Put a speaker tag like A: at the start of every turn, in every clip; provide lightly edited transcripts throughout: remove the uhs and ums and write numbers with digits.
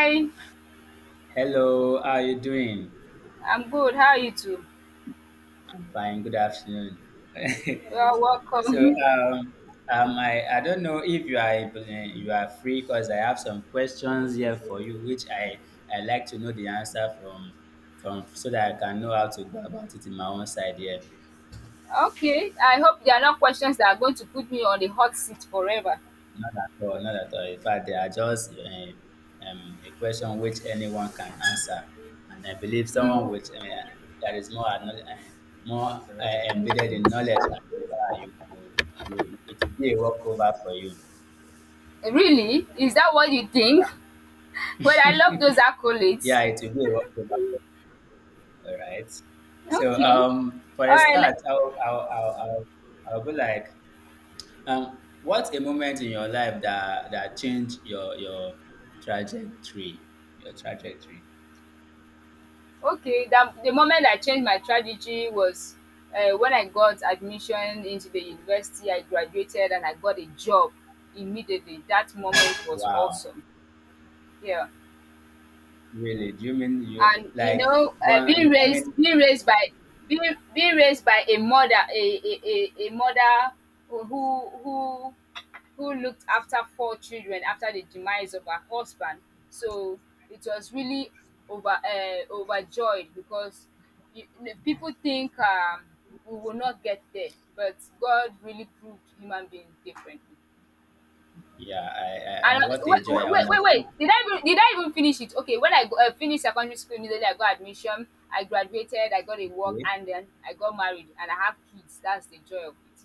A: Hi,
B: Hello, how are you doing?
A: I'm good. How are you two?
B: I'm fine. Good afternoon.
A: You're
B: so,
A: welcome.
B: um, I don't know if you are you are free because I have some questions here for you, which I like to know the answer from so that I can know how to go about it in my own side here.
A: Okay, I hope there are not questions that are going to put me on the hot seat forever.
B: Not at all, not at all. In fact, they are just a question which anyone can answer. And I believe someone
A: Mm,
B: with that is more more embedded in knowledge, and it will be a walkover for you.
A: really? Is that what you think? Well,
B: Yeah,
A: I love those
B: yeah,
A: accolades.
B: it will be a walkover for you. All right. So
A: Okay.
B: for
A: All
B: a
A: right.
B: start, I'll be like, what's a moment in your life that changed your trajectory, your trajectory?
A: Okay. The moment I changed my strategy was when I got admission into the university. I graduated and I got a job immediately. That moment was
B: Wow,
A: awesome. Yeah.
B: really? Do you mean you
A: And you
B: like
A: know,
B: one?
A: being
B: I mean,
A: raised being raised by being, being raised by a mother, a mother who who looked after four children after the demise of her husband, so it was really overjoyed because, you, the people think we will not get there, but God really proved human beings differently.
B: yeah, I,
A: And
B: what a joy.
A: wait,
B: I
A: wait, wait,
B: understand.
A: wait. Did I even finish it? Okay, when I finished secondary school, immediately I got admission. I graduated. I got a work,
B: Okay.
A: and then I got married, and I have kids. That's the joy of it.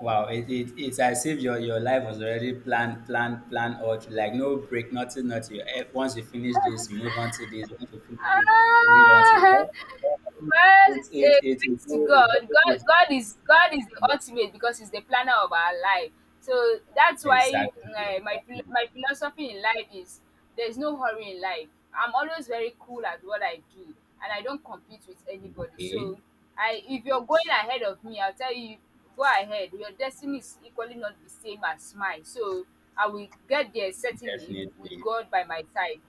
B: Wow, it's as if your life was already planned out. Like no break, nothing, nothing. Eh, once you finish this, you move on to this. Once you finish this, you move on to
A: Ah,
B: the
A: well,
B: It's it, it, it, it's
A: thanks to God.
B: very good.
A: God is the
B: Yeah.
A: ultimate, because He's the planner of our life. So that's why,
B: Exactly,
A: my
B: exactly.
A: my philosophy in life is there's no hurry in life. I'm always very cool at what I do, and I don't compete with anybody.
B: Okay,
A: So, I if you're going ahead of me, I'll tell you, go ahead. Your destiny is equally not the same as mine. So I will get there certainly with
B: definitely.
A: God by my side.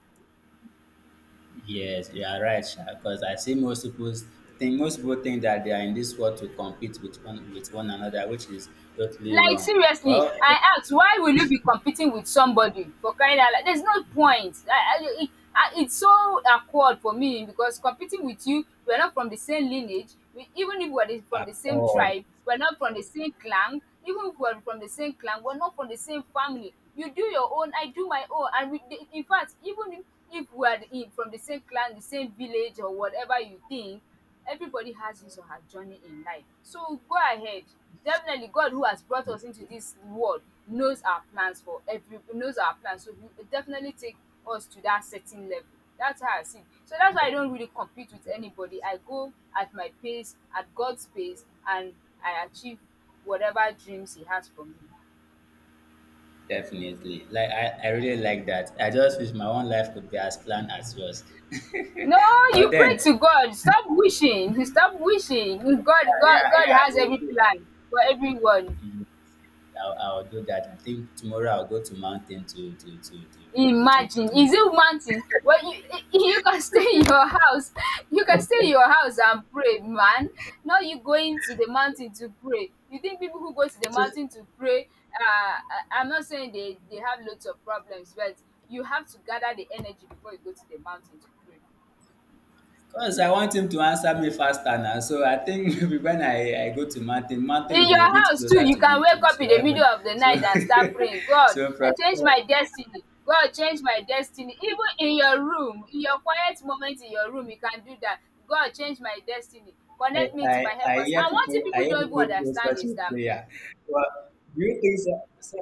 B: Yes, you are right, because I see most people think that they are in this world to compete with one another, which is totally
A: Like,
B: wrong.
A: seriously,
B: Well,
A: I ask, why will you be competing with somebody? For crying out loud, there's no point. It's so awkward for me, because competing with you, we're not from the same lineage. Even if we're from
B: at
A: the same
B: all,
A: tribe, we're not from the same clan. Even if we're from the same clan, we're not from the same family. You do your own, I do my own, and we, in fact, even if we're from the same clan, the same village, or whatever you think, everybody has his or her journey in life. So go ahead. Definitely, God, who has brought us into this world, knows our plans for every knows our plans. So he will definitely take us to that certain level. That's how I see it. So that's why I don't really compete with anybody. I go at my pace, at God's pace, and I achieve whatever dreams he has for me.
B: definitely. Like I really like that. I just wish my own life could be as planned as yours.
A: No,
B: But
A: you pray
B: then,
A: to God. Stop wishing. Stop wishing.
B: yeah, yeah,
A: God
B: yeah,
A: has every plan for everyone.
B: yes, I'll do that. I think tomorrow I'll go to mountain to to to to to.
A: Imagine,
B: to.
A: is it mountain thing? Well, you can stay in your house, you can stay in your house and pray, man. Now you going to the mountain to pray. You think people who go to the
B: So,
A: mountain to pray, I'm not saying they have lots of problems, but you have to gather the energy before you go to the mountain to pray.
B: because I want him to answer me faster now. So I think maybe when I go to mountain, mountain will
A: In
B: be a
A: your
B: bit
A: house too,
B: closer
A: you
B: to
A: can
B: the
A: wake
B: to,
A: up
B: to
A: in the middle
B: heaven.
A: of the
B: So
A: night and start praying. God,
B: so from
A: I change
B: there,
A: my destiny, God change my destiny, even in your room, in your quiet moment in your room you can do that. God, change my destiny,
B: I,
A: connect me to
B: I,
A: my
B: I
A: helpers.
B: hear
A: And one thing
B: people, I
A: people
B: hear
A: don't even
B: people pray
A: understand
B: such
A: is
B: a
A: dat,
B: prayer. But do you think so? so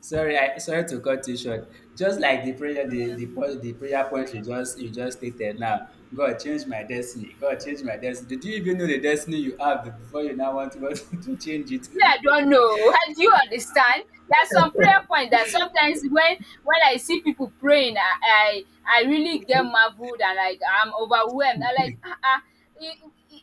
B: sorry, I, sorry to cut you short. Just like the prayer, the prayer point you just stated now. God, change my destiny. God, change my destiny. Did you even know the destiny you have before you now want to go to change it?
A: me, I don't know. Do you understand? There's some prayer point that sometimes when I see people praying, I really get marveled and like I'm overwhelmed. I like, ah, ah.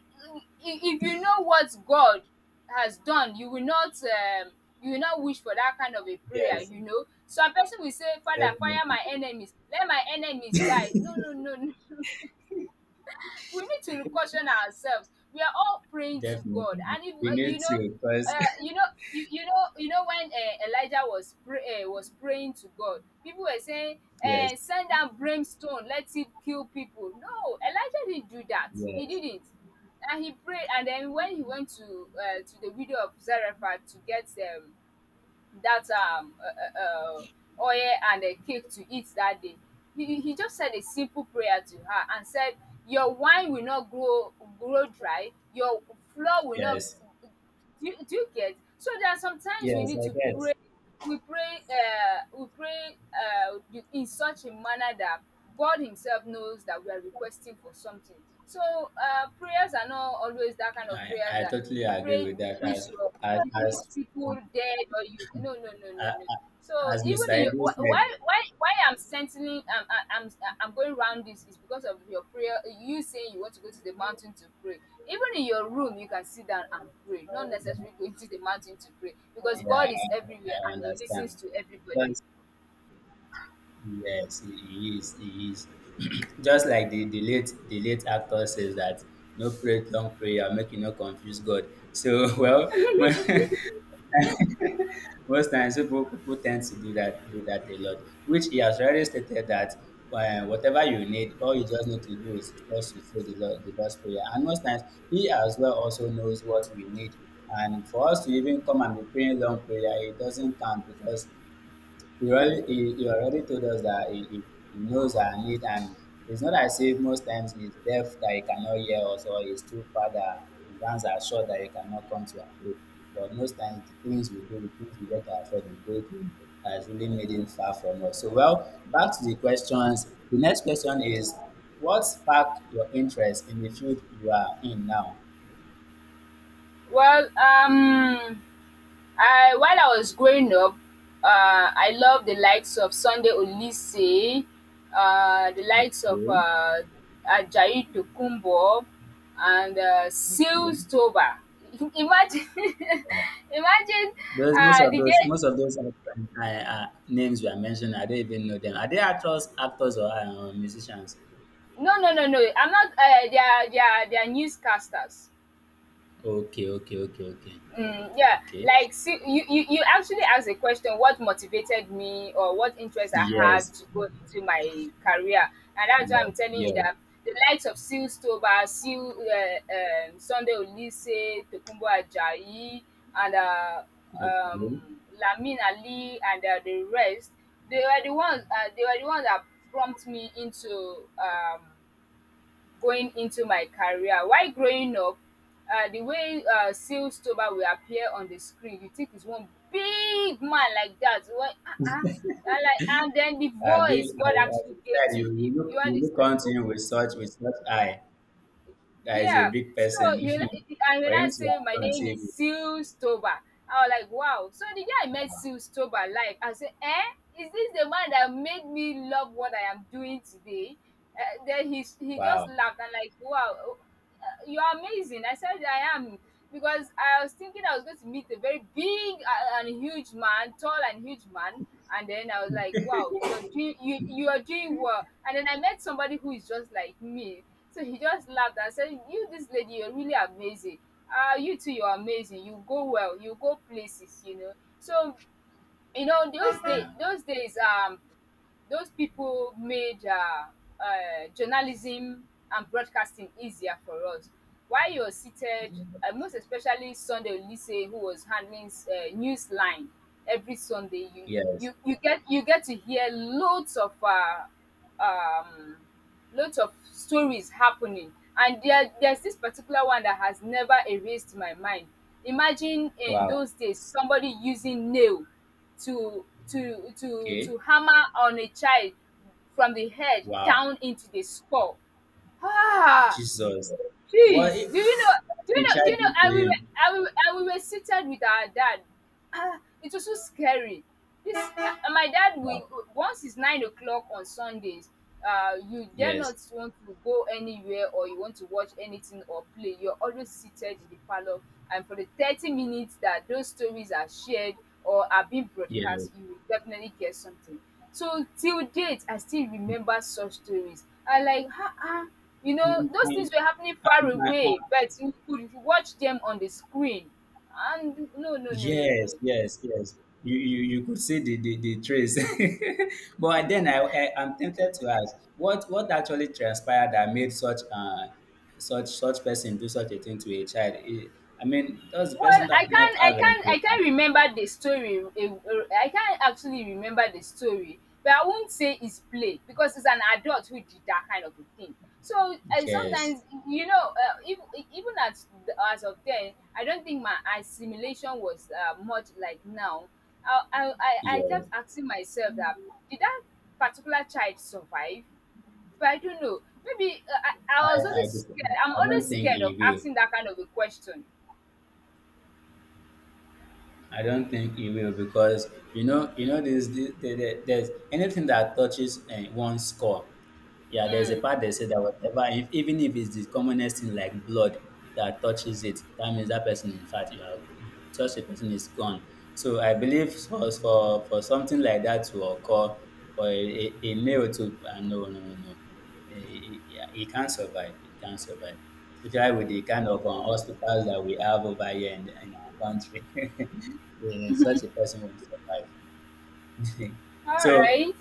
A: If you know what God has done, you will not, you will not wish for that kind of a prayer.
B: Yes,
A: You know, some person will say, "Father, fire
B: definitely.
A: my enemies, let my enemies die." No, no, no. We need to caution ourselves. We are all praying to God,
B: Definitely.
A: and if,
B: We need
A: you know,
B: to,
A: uh,
B: because,
A: you know, you know, you know, when, Elijah was was praying to God, people were saying,
B: yes,
A: "Send down brimstone, let it kill people." No, Elijah didn't do that. He
B: yes,
A: didn't, and he prayed. And then when he went to, to the widow of Zarephath to get, that oil and a cake to eat that day, he just said a simple prayer to her, and said, your wine will not grow dry, your flour will not.
B: yes,
A: Do you, do you get? So there are sometimes we
B: yes,
A: need
B: I
A: to
B: get.
A: pray. We pray, in such a manner that God himself knows that we are requesting for something. So, prayers are not always that kind of prayers
B: I
A: that
B: totally
A: you
B: agree
A: pray,
B: with
A: you
B: that.
A: wish
B: As,
A: you wish
B: as,
A: people dead, or you, no, no, no, no,
B: as,
A: no. So,
B: as
A: even
B: Mr.
A: in
B: Ibu said,
A: why I'm sensing, I'm I'm I'm I'm going round, this is because of your prayer. You saying you want to go to the mountain to pray. Even in your room, you can sit down and pray. Not necessarily going to the mountain to pray, because
B: yeah,
A: God is everywhere
B: I
A: and He
B: understand.
A: listens to everybody.
B: Just, yes, he is. Just like the late, the late actor says that no pray long prayer, make you no confuse God. So well, most times, people tend to do that a lot, which he has already stated that whatever you need, all you just need to do is just to say the Lord, the Lord's prayer. And most times, he as well also knows what we need. And for us to even come and be praying long prayer, it doesn't count because he already told us that he knows our need, and it's not as if most times he's deaf that he cannot hear us, or he's too far that his hands are short that he cannot come to our aid. But most times the things we do, the things we get ourselves engaged in has really made him far from us. So well, back to the questions. The next question is, what sparked your interest in the field you are in now?
A: Well, I, while I was growing up, I loved the likes of Sunday Olise, the likes of
B: Okay.
A: Ajayi Tokunbo, and
B: Yeah.
A: Seals Toba. Imagine, imagine.
B: Those most of
A: The
B: those
A: day.
B: most of those names we are mentioning, I don't even know them. Are they actors or musicians?
A: No, no, no, no. I'm not. They are newscasters.
B: Okay,
A: Mm, yeah,
B: okay.
A: like see, you actually asked a question. What motivated me, or what interest I had
B: Yes,
A: to go into my career? And that's why
B: yes,
A: I'm telling
B: yes.
A: you that the likes of Seal Stoba, Seal, Sunday Olise, Tokumbo Ajayi, and
B: Okay.
A: um, Lamin Ali, and the rest, they were the ones. They were the ones that prompted me into, going into my career. While growing up, the way, Seal Stober will appear on the screen, you think he's one big man like that. Well, uh-uh. And like, and then the
B: I've
A: voice
B: I,
A: God
B: I
A: actually gave
B: said
A: to
B: you,
A: him. You
B: you look
A: understand?
B: onto him with such eye. That is a
A: Yeah.
B: big
A: So,
B: person
A: you and
B: for
A: when I
B: him to
A: say my
B: appear on
A: name is
B: TV.
A: Seal Stober, I was like, wow. So the day I met Seal Stober live, I said, eh, is this the man that made me love what I am doing today? Then he just
B: Wow.
A: laughed and like, wow, you're amazing. I said, I am. Because I was thinking I was going to meet a very big, and huge man, tall and huge man. And then I was like, wow, you're doing, you are doing well. And then I met somebody who is just like me. So he just laughed and said, you, this lady, you're really amazing. You too, you're amazing. You go well, you go places, you know. So, you know, those,
B: Yeah.
A: those days, those people made, journalism and broadcasting easier for us. While you're seated, most especially Sunday Olise, who was handling, news line every Sunday,
B: Yes.
A: you you get to hear loads of, um, lots of stories happening. And there's this particular one that has never erased my mind. Imagine, in
B: Wow.
A: those days, somebody using nail to
B: Okay.
A: hammer on a child from the head
B: Wow.
A: down into the skull. Ah,
B: Jesus. What
A: jeez, do you know?
B: if
A: Do you
B: the
A: know? Do you
B: child
A: know?
B: did to him?
A: And and we were seated with our dad. Ah, it was so scary. This, my dad. We,
B: Wow.
A: once it's 9 o'clock on Sundays, you dare not
B: Yes.
A: want to go anywhere, or you want to watch anything or play. You're always seated in the parlor, and for the 30 minutes that those stories are shared or are being
B: Yes.
A: broadcast, you will definitely get something. So till date, I still remember such stories. I like, ah, ah. You know,
B: Mm,
A: those
B: and,
A: things were happening far
B: and
A: away, but you could watch them on the screen. And no, no, no, no,
B: yes,
A: no.
B: yes, yes. You could see the trace. But then, I'm tempted to ask, what actually transpired that made such such person do such a thing to a child? Eh, I mean, does the
A: Well,
B: person that not have any-
A: I can't remember the story, I can't actually remember the story, but I won't say it's play, because it's an adult who did that kind of a thing. So, eh,
B: Yes,
A: sometimes, you know, even at, the, as of then, I don't think my assimilation was, much like now. I I I
B: yes.
A: kept asking myself that, did that particular child survive? But I don't know. Maybe, I was
B: I,
A: always
B: just,
A: scared. I'm
B: I
A: always
B: don't think
A: scared of
B: he will.
A: asking that kind of a question.
B: I don't think it will because you know, there's the- there's anything that touches one's core. Yeah, there's a part that says that whatever, if, even if it's the commonest thing like blood that touches it, that means that person, in fact, you are such a person is gone. So I believe for something like that to occur, for a nail to no, no, no, no, eh, eh, yeah, it can't survive. It can't survive especially with the kind of hospitals that we have over here in our country. Yeah, such a person will survive. So,
A: Alright.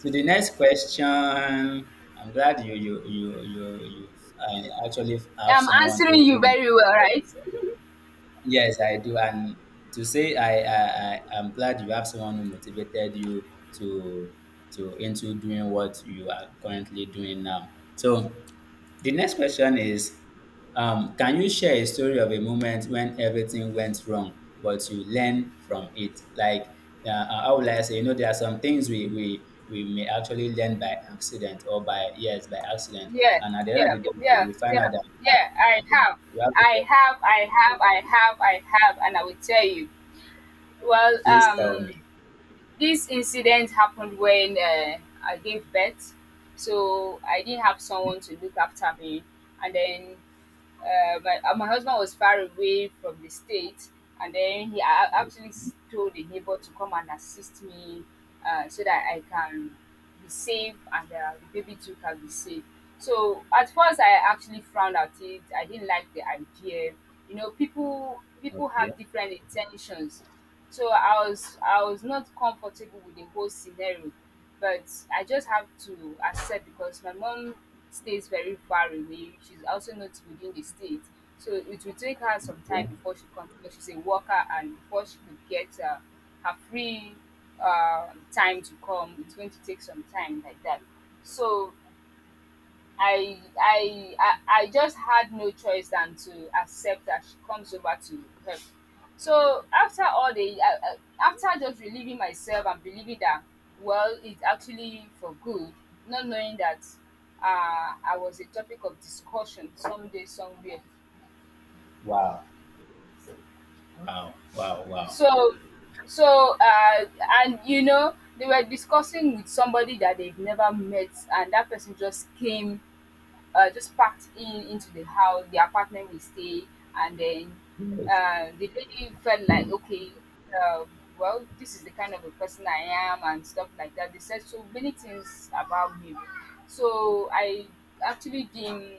B: to the next question, I'm glad you actually have
A: Yeah, I'm
B: someone
A: answering you
B: who
A: very well, right?
B: yes I do, and to say I am glad you have someone who motivated you to into doing what you are currently doing now. So the next question is, can you share a story of a moment when everything went wrong, but you learn from it? Like, how would I say, you know, there are some things we may actually learn by accident or by, yes, by accident.
A: Yeah,
B: And at the end of
A: yeah,
B: the day,
A: yeah,
B: we find
A: yeah,
B: out that, ah,
A: yeah.
B: okay, we have a problem.
A: I have, and I will tell you. Well,
B: Please tell
A: um,
B: me.
A: this incident happened when I gave birth, so I didn't have someone to look after me, and then my husband was far away from the state and then he I actually told the neighbor to come and assist me so that I can be safe and the baby too can be safe. So at first I actually frowned at it. I didn't like the idea, you know, people
B: Okay.
A: have different intentions. So I was not comfortable with the whole scenario, but I just have to accept because my mom stays very far away. She's also not within the state, so it will take her some
B: Yeah.
A: time before she comes because she's a worker, and before she could get her free time to come, it's going to take some time like that. So I just had no choice than to accept that she comes over to help. So after all the after just relieving myself and believing that, well, it's actually for good, not knowing that I was a topic of discussion someday somewhere.
B: Wow. Wow. Wow. Wow.
A: So so and you know, they were discussing with somebody that they've never met, and that person just came, just packed in into the house, the apartment we stay, and then
B: Yes.
A: the lady felt like, okay, uh, well, this is the kind of a person I am and stuff like that. They said so many things about me, so actually didn't,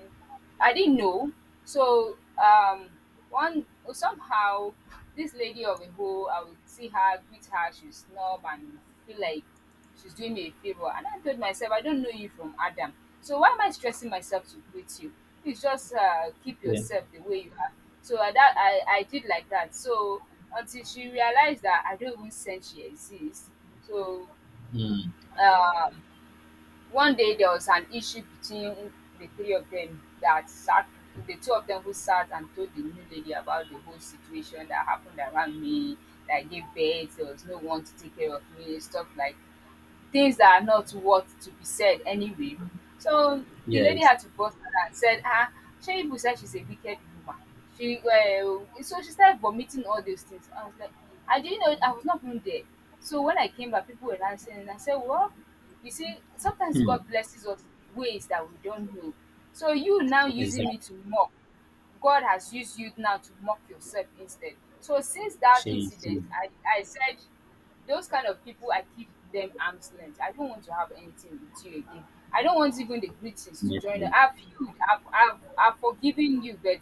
A: I didn't know. So, um, one somehow, this lady of a whole, I would see her, greet her, she would snub and feel like she's doing me a favor. And I told myself, I don't know you from Adam. So why am I stressing myself to greet you? Please just keep
B: Yeah.
A: yourself the way you are. So I did like that. So, until she realized that I don't even sense she exists. So,
B: Mm,
A: um, one day there was an issue between the three of them that sat the two of them who sat and told the new lady about the whole situation that happened around me, that I gave birth, there was no one to take care of me, stuff like things that are not what to be said anyway. So the lady
B: yes.
A: had to bust her and said, ah, Sheibu said she's a wicked woman. She, well, so she started vomiting all those things. I was like, I didn't know, I was not even there. So when I came back, people were dancing, and I said, well, you see, sometimes
B: Hmm.
A: God blesses us in ways that we don't know. So you now using
B: Exactly.
A: me to mock, God has used you now to mock yourself instead. So since that
B: She is
A: incident,
B: too.
A: I said those kind of people, I keep them arm's length. I don't want to have anything with you again. I don't want even the greetings to join.
B: Definitely.
A: I've viewed, I've forgiven you, but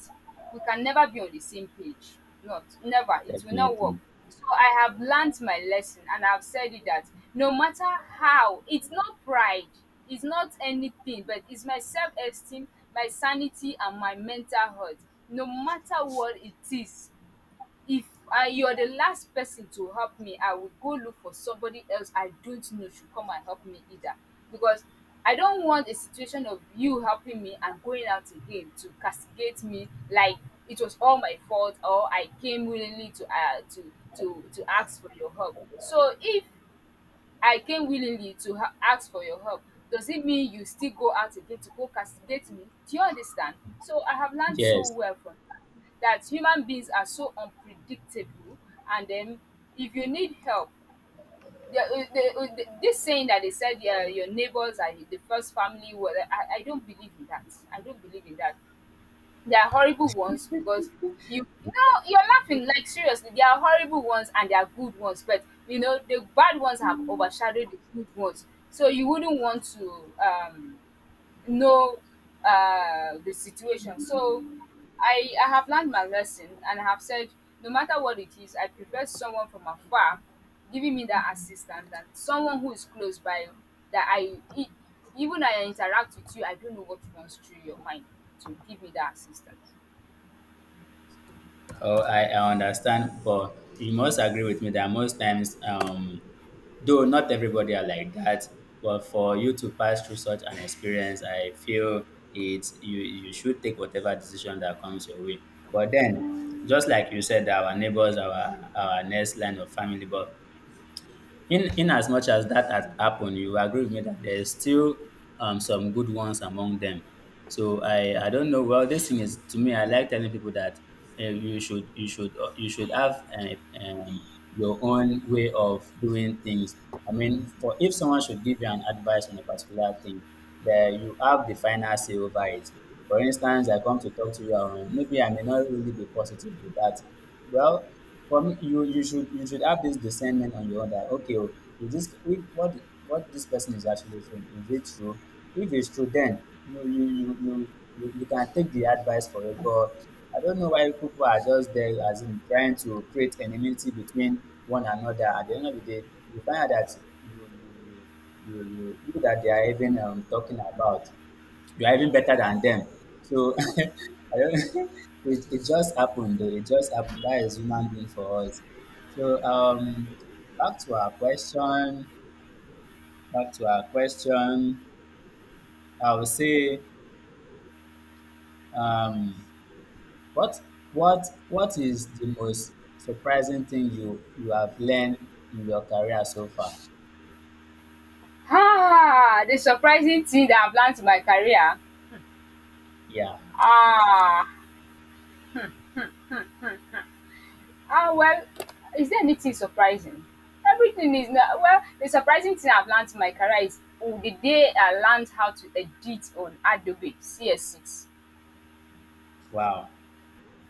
A: we can never be on the same page. Not never. It will not work.
B: Definitely.
A: So I have learnt my lesson, and I've said it that no matter how, it's not pride, it's not anything, but it's my self esteem, my sanity, and my mental health. No matter what it is, if I, you are the last person to help me, I will go look for somebody else I don't know should come and help me either. Because I don't want a situation of you helping me and going out again to castigate me like it was all my fault, or I came willingly to to ask for your help. So if I came willingly to ask for your help, does it mean you still go out again to go castigate me? Do you understand? So I have learned so
B: Yes.
A: well from that, that human beings are so unpredictable. And then if you need help, this saying that they said, yeah, your neighbors are the first family, well, I don't believe in that. I don't believe in that. They are horrible ones because you you know, you're laughing like, seriously. There are horrible ones and there are good ones, but you know the bad ones have overshadowed the good ones. So you wouldn't want to know the situation. So I have learned my lesson, and I have said, no matter what it is, I prefer someone from afar giving me that assistance than someone who is close by that even I interact with you, I don't know what runs through your mind to give me that assistance.
B: Oh, I understand, but you must agree with me that most times, though not everybody are like that, but for you to pass through such an experience, I feel it's you should take whatever decision that comes your way. But then, just like you said, our neighbors, our next line of family, but in as much as that has happened, you agree with me that there's still some good ones among them. So I don't know. Well, this thing is to me. I like telling people that you should have your own way of doing things. I mean, for if someone should give you an advice on a particular thing, that you have the final say over it. For instance, I come to talk to you, maybe I may not really be positive with that. Well, for me, you should have this discernment on your own that okay, oh, if what this person is actually saying, is it true? If it's true, then you you you you you can take the advice for it. But I don't know why people are just there as in trying to create enmity between one another. At the end of the day, you find out that you that they are even talking about, you are even better than them. So I don't, it just happened though. It just happened. That is human being for us. So back to our question. Back to our question. I would say um what what is the most surprising thing you have learned in your career so far?
A: Ah, the surprising thing that I've learned in my career.
B: Yeah.
A: Ah, well, is there anything surprising? Everything is now, well, the surprising thing I've learned in my career is, oh, the day I learned how to edit on Adobe CS6.
B: Wow.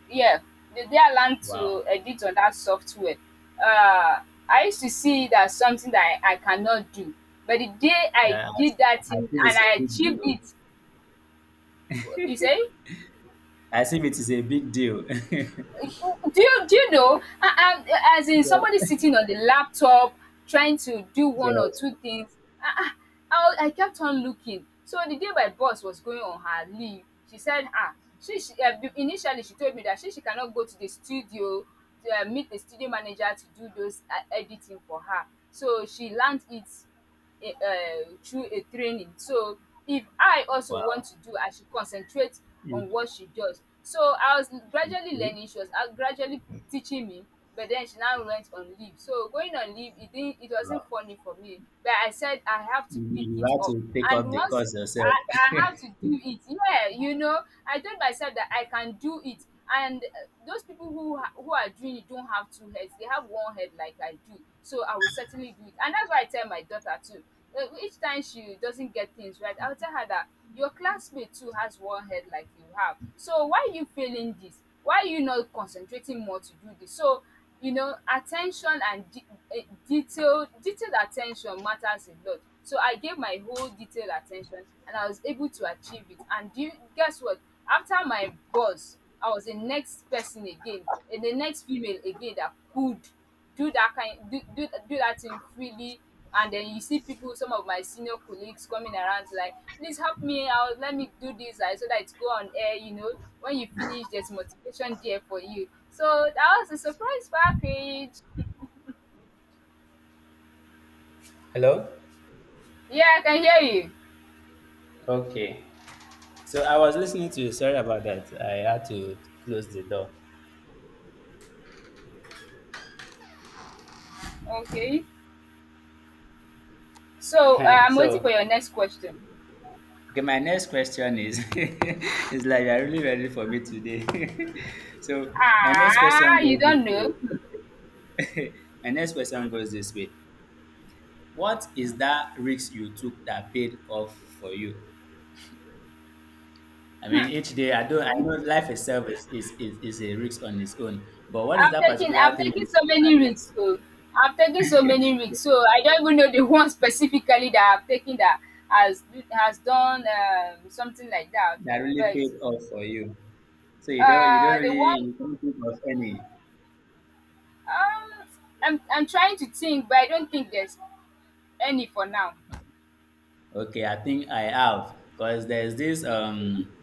A: Yeah, the day I learned
B: Wow.
A: to edit on that software, uh, I used to see it as something that I cannot do. But the day I
B: Yeah.
A: did that
B: I
A: thing
B: feel
A: and
B: it's
A: I
B: a big
A: achieved
B: deal.
A: it, you say?
B: I feel it is a big deal.
A: Do you, do you know, as in somebody sitting on the laptop trying to do one or
B: yes.
A: two things, I, I kept on looking. So the day my boss was going on her leave, she said, ah, she, initially she told me that she cannot go to the studio to meet the studio manager to do those editing for her. So she learned it through a training. So if I also want
B: Wow.
A: to do, I should concentrate on what she does. So I was
B: Okay.
A: gradually learning. She was gradually teaching me, but then she now went on leave. So going on leave, it
B: Wow.
A: wasn't funny for me. But I said I have to
B: You
A: pick
B: you
A: it
B: had
A: up,
B: to take up
A: and
B: the
A: once
B: cause yourself.
A: I have to do it, yeah, you know, I told myself that I can do it. And those people who who are doing it don't have two heads, they have one head like I do, so I will certainly do it. And that's why I tell my daughter too, each time she doesn't get things right, I'll tell her that your classmate too has one head like you have, so why are you failing this, why are you not concentrating more to do this? So you know, attention and detailed attention matters a lot. So I gave my whole detailed attention, and I was able to achieve it. And do you guess what, after my boss, I was the next person again, and the next female again that could do that kind, do that thing freely. And then you see people, some of my senior colleagues, coming around like, please help me out, let me do this, like, so that it go on air, you know, when you finish, there's motivation there for you. So that was a surprise package.
B: Hello?
A: Yeah, I can hear you.
B: Okay. So I was listening to you. Sorry about that. I had to close the door.
A: Okay, so I'm waiting
B: So,
A: for your next question.
B: okay, my next question is it's like you're really ready for me today. So, my next question
A: Ah, you
B: goes this
A: don't
B: way.
A: know.
B: My next question goes this way. What is that risk you took that paid off for you? I mean, each day I do. Not I know life itself is a risk on its own. But what is that particular
A: I've
B: thing
A: taken so
B: did
A: many risks. So I've taken so many risks, so I don't even know the one specifically that I've taken that has has done, um, something like that.
B: that really
A: But
B: paid off for you? So you don't
A: the
B: really
A: one,
B: you can't think of any.
A: um I'm trying to think, but I don't think there's any for now.
B: Okay, I think I have because there's this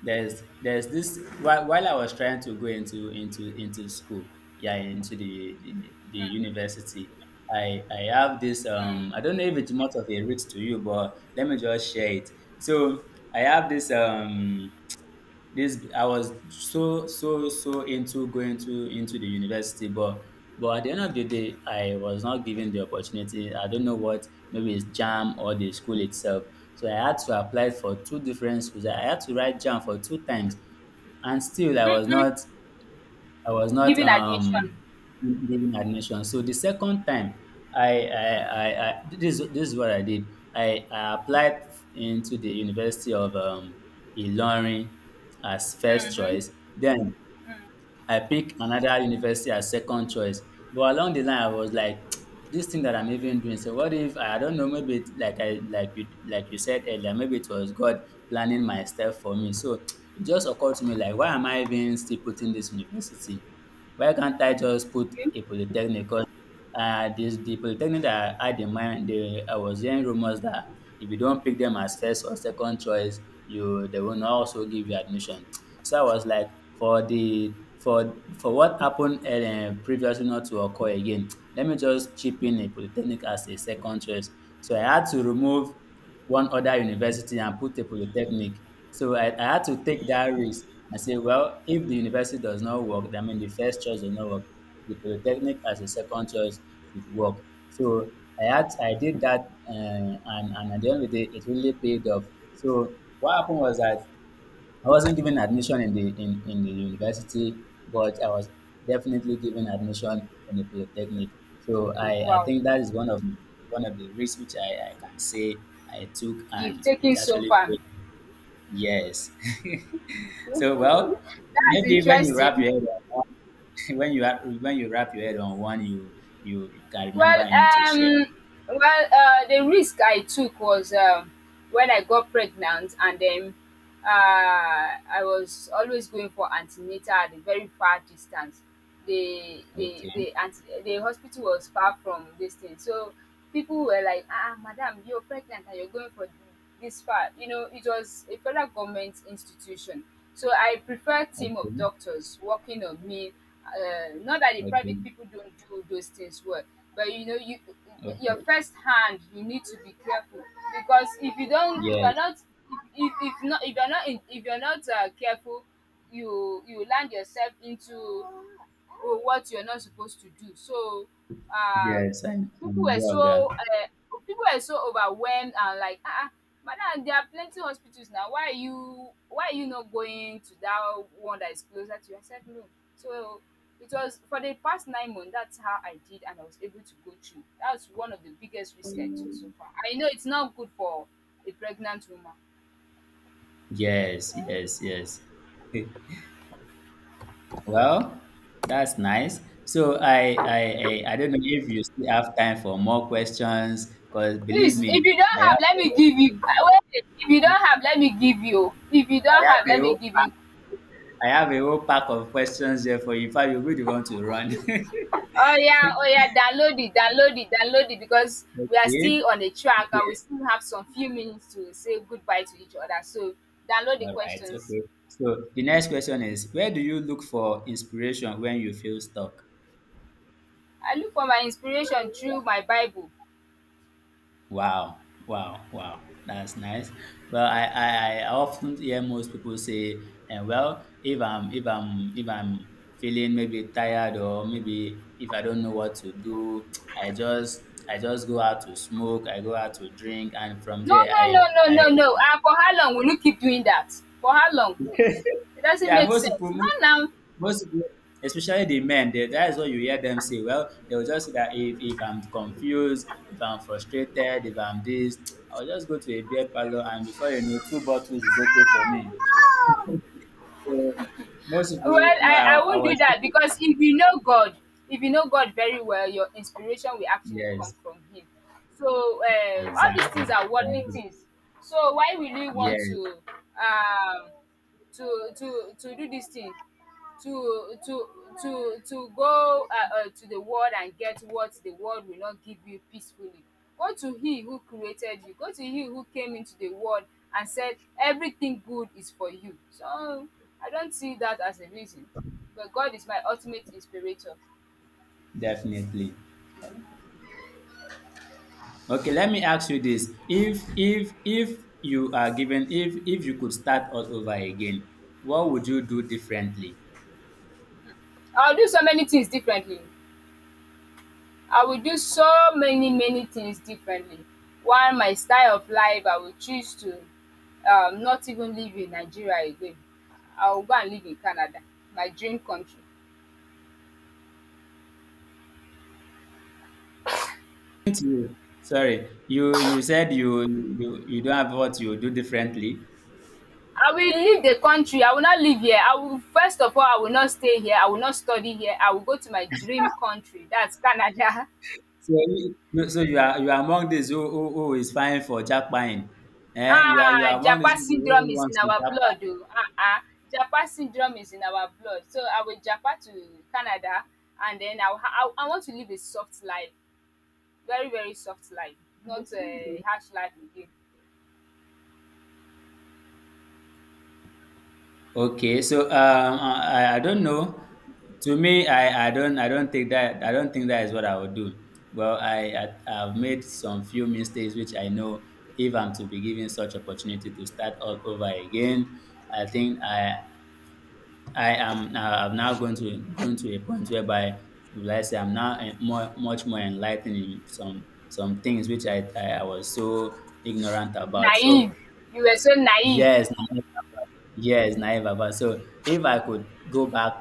B: there's there's this while I was trying to go into school, yeah, into the university. I have this I don't know if it's much of a risk to you, but let me just share it. So I have this this I was so into going to into the university, but at the end of the day I was not given the opportunity. I don't know what, maybe it's jam or the school itself. So I had to apply for two different schools. I had to write jam for two times, and still I was not
A: Giving admission.
B: given admission. So the second time, this is what I did. I applied into the University of Ilorin as first choice. Then I picked another university as second choice. But along the line, I was like, this thing that I'm even doing. So what if I don't know? Maybe it, like you said earlier, maybe it was God planning my step for me. So it just occurred to me like, why am I even still putting this university? Why can't I just put
A: Okay.
B: a polytechnic? Cause, the polytechnic that I had in mind, they, I was hearing rumors that if you don't pick them as first or second choice, you they will not also give you admission. So I was like, for the for what happened previously not to occur again, let me just chip in a polytechnic as a second choice. So I had to remove one other university and put a polytechnic. So I had to take that risk and say, well, if the university does not work, I mean, the first choice does not work, the polytechnic as a second choice should work. So I did that, and at the end of the day, it really paid off. So what happened was that I wasn't given admission in in the university, but I was definitely given admission in the polytechnic. So I
A: Wow,
B: think that is one of the risks which I can say I took,
A: you've
B: and it
A: taken so
B: actually
A: far.
B: paid yes. So well,
A: That's
B: maybe when you wrap
A: interesting.
B: your head on one, when you wrap your head on one, you you can remember
A: Well,
B: I need to share.
A: well, the risk I took was, um, when I got pregnant, and then I was always going for antenatal at a very far distance. The the
B: Okay,
A: the ante- the hospital was far from this thing, so people were like, "Ah, madam, you're pregnant and you're going for this far. You know, it was a federal government institution, so I prefer team of
B: okay,
A: doctors working on me, not that the
B: okay,
A: private people don't do those things well. But you know, your
B: okay.
A: first hand, you need to be careful because if you're
B: Yes,
A: not, if you're not in, if you're not careful, you land yourself into or what you're not supposed to do. So, um,
B: yes,
A: people
B: I'm
A: were
B: aware of that.
A: people were so overwhelmed and like, ah, ah, madam, there are plenty hospitals now. Why are you not going to that one that is closer to you? I said no. So it was for the past 9 months. That's how I did, and I was able to go through. That's one of the biggest risk I took so far. I know it's not good for a pregnant woman.
B: Yes, yes, yes. Eh, well, that's nice. So I don't know if you still have time for more questions, because believe
A: Please, if
B: me,
A: you
B: I
A: don't have,
B: have
A: let
B: a
A: me
B: whole,
A: give you. Wait, if you don't have, let me give you. If you don't
B: I have
A: have,
B: a
A: let me
B: whole
A: give
B: pack,
A: you.
B: I have a whole pack of questions there for you. In fact, you'll be the one to run.
A: Oh yeah, oh yeah, download it, download it, download it, because we are
B: Okay,
A: still on the track and
B: okay.
A: we still have some few minutes to say goodbye to each other. So download the
B: All right,
A: questions.
B: okay. So the next question is, where do you look for inspiration when you feel stuck?
A: I look for my inspiration through my Bible.
B: Wow, wow, wow. That's nice. Well, I often hear most people say, well, if I'm feeling maybe tired, or maybe if I don't know what to do, I just go out to smoke, I go out to drink, and from
A: No,
B: there
A: no, no,
B: I
A: no,
B: I
A: no, no. And for how long will you keep doing that? For how long? It doesn't
B: yeah
A: make
B: most people
A: sense. Not now.
B: most people, especially the men, they, that is what you hear them say. Well, they'll just say that if I'm confused, if I'm frustrated, if I'm this, I'll just go to a beer parlor, and before you know, two bottles is okay for me. So most
A: Well,
B: people, well,
A: I
B: I
A: won't do
B: was,
A: that
B: okay.
A: because if you know God, if you know God very well, your inspiration will actually come
B: Yes,
A: from Him. So all
B: exactly,
A: these things are worldly
B: exactly,
A: things. So why will you want
B: yes,
A: to um do this thing? to to to go, to the world and get what the world will not give you peacefully. Go to he who created you. Go to he who came into the world and said everything good is for you. So I don't see that as a reason. But God is my ultimate inspirator.
B: definitely. Okay, let me ask you this: if you are given, if you could start all over again, what would you do differently?
A: I'll do so many things differently. I will do so many many things differently. While my style of life, I will choose to not even live in Nigeria again. I will go and live in Canada, my dream country.
B: Did you sorry, you said you don't have what you do differently.
A: I will leave the country, I will not live here. I will first of all, I will not stay here, I will not study here, I will go to my dream country, that's Canada.
B: So so you are among these who is fine for jackpying. Eh? You are you
A: Ah,
B: are among these
A: Japa
B: people who
A: syndrome is in
B: wants to
A: our
B: jackpot.
A: blood, oh, Japa syndrome is in our blood, so I will Japa to Canada. And then I will ha I want to live a soft life. Very very soft life, not a harsh life again.
B: Okay, so I don't know. To me, I don't think that I don't think that is what I would do. Well, I've made some few mistakes which I know, if I'm to be given such opportunity to start all over again, I think I I am I'm now going to a point whereby, let's say, I'm now more much more enlightened in some things which I was so ignorant about. So
A: Naive, you were so naive.
B: yes, naive about- yes, naive about. So if I could go back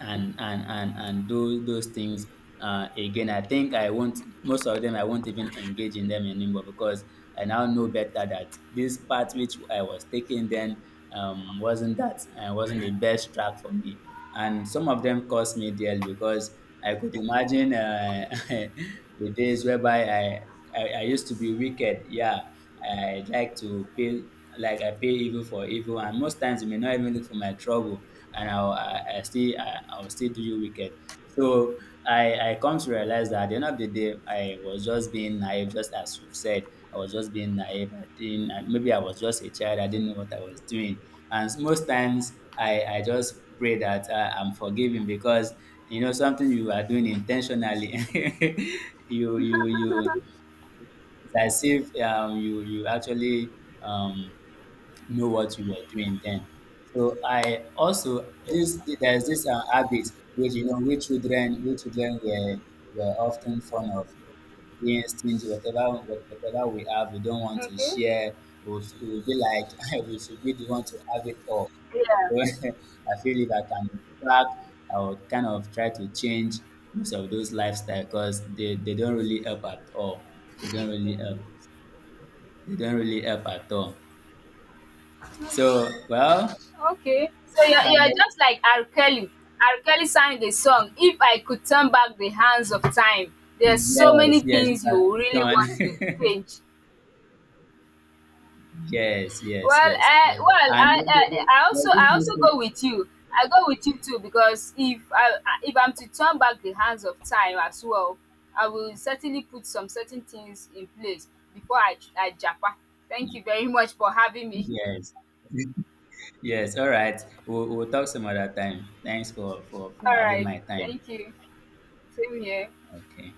B: and do those things again, I think I won't, most of them I won't even engage in them anymore, because I now know better that this path which I was taking then wasn't that wasn't the best track for me, and some of them cost me dearly, because I could imagine the days whereby I used to be wicked, yeah. I like to pay, like, I pay evil for evil, and most times you may not even look for my trouble, and I'll I still I, I'll still do you wicked. So I come to realize that at the end of the day I was just being naive, just as you've said. I was just being naive. I didn't I- Maybe I was just a child, I didn't know what I was doing. And most times I just pray that I'm forgiven, because you know something you are doing intentionally, you it's as if you you actually um, know what you are doing then. So I also this there's this habit which you know which children were often fond of, being stingy. Whatever whatever we have we don't want to
A: Okay.
B: share, we will be like we should be the one to have it all.
A: Yeah,
B: So I feel if I can go back, I would kind of try to change most of those lifestyle, because they don't really help at all. They don't really help. They don't really help at all. So, well,
A: okay, so
B: I,
A: you're just like R. Kelly. R. Kelly sang the song, if I could turn back the hands of time, there's so
B: yes,
A: many
B: yes, you
A: things
B: have
A: you
B: it
A: really want to
B: done.
A: change.
B: Yes, yes,
A: Well,
B: yes, yes. And
A: I
B: then there-
A: I
B: there-
A: also,
B: There's
A: I
B: this
A: also go
B: mistake.
A: with you. I go with you too, because if I'm to turn back the hands of time as well, I will certainly put some certain things in place before I japa. Thank you very much for having me.
B: Yes, yes. All right. We'll talk some other time. Thanks for,
A: All
B: having
A: right.
B: my time.
A: Thank you. Same here.
B: Okay.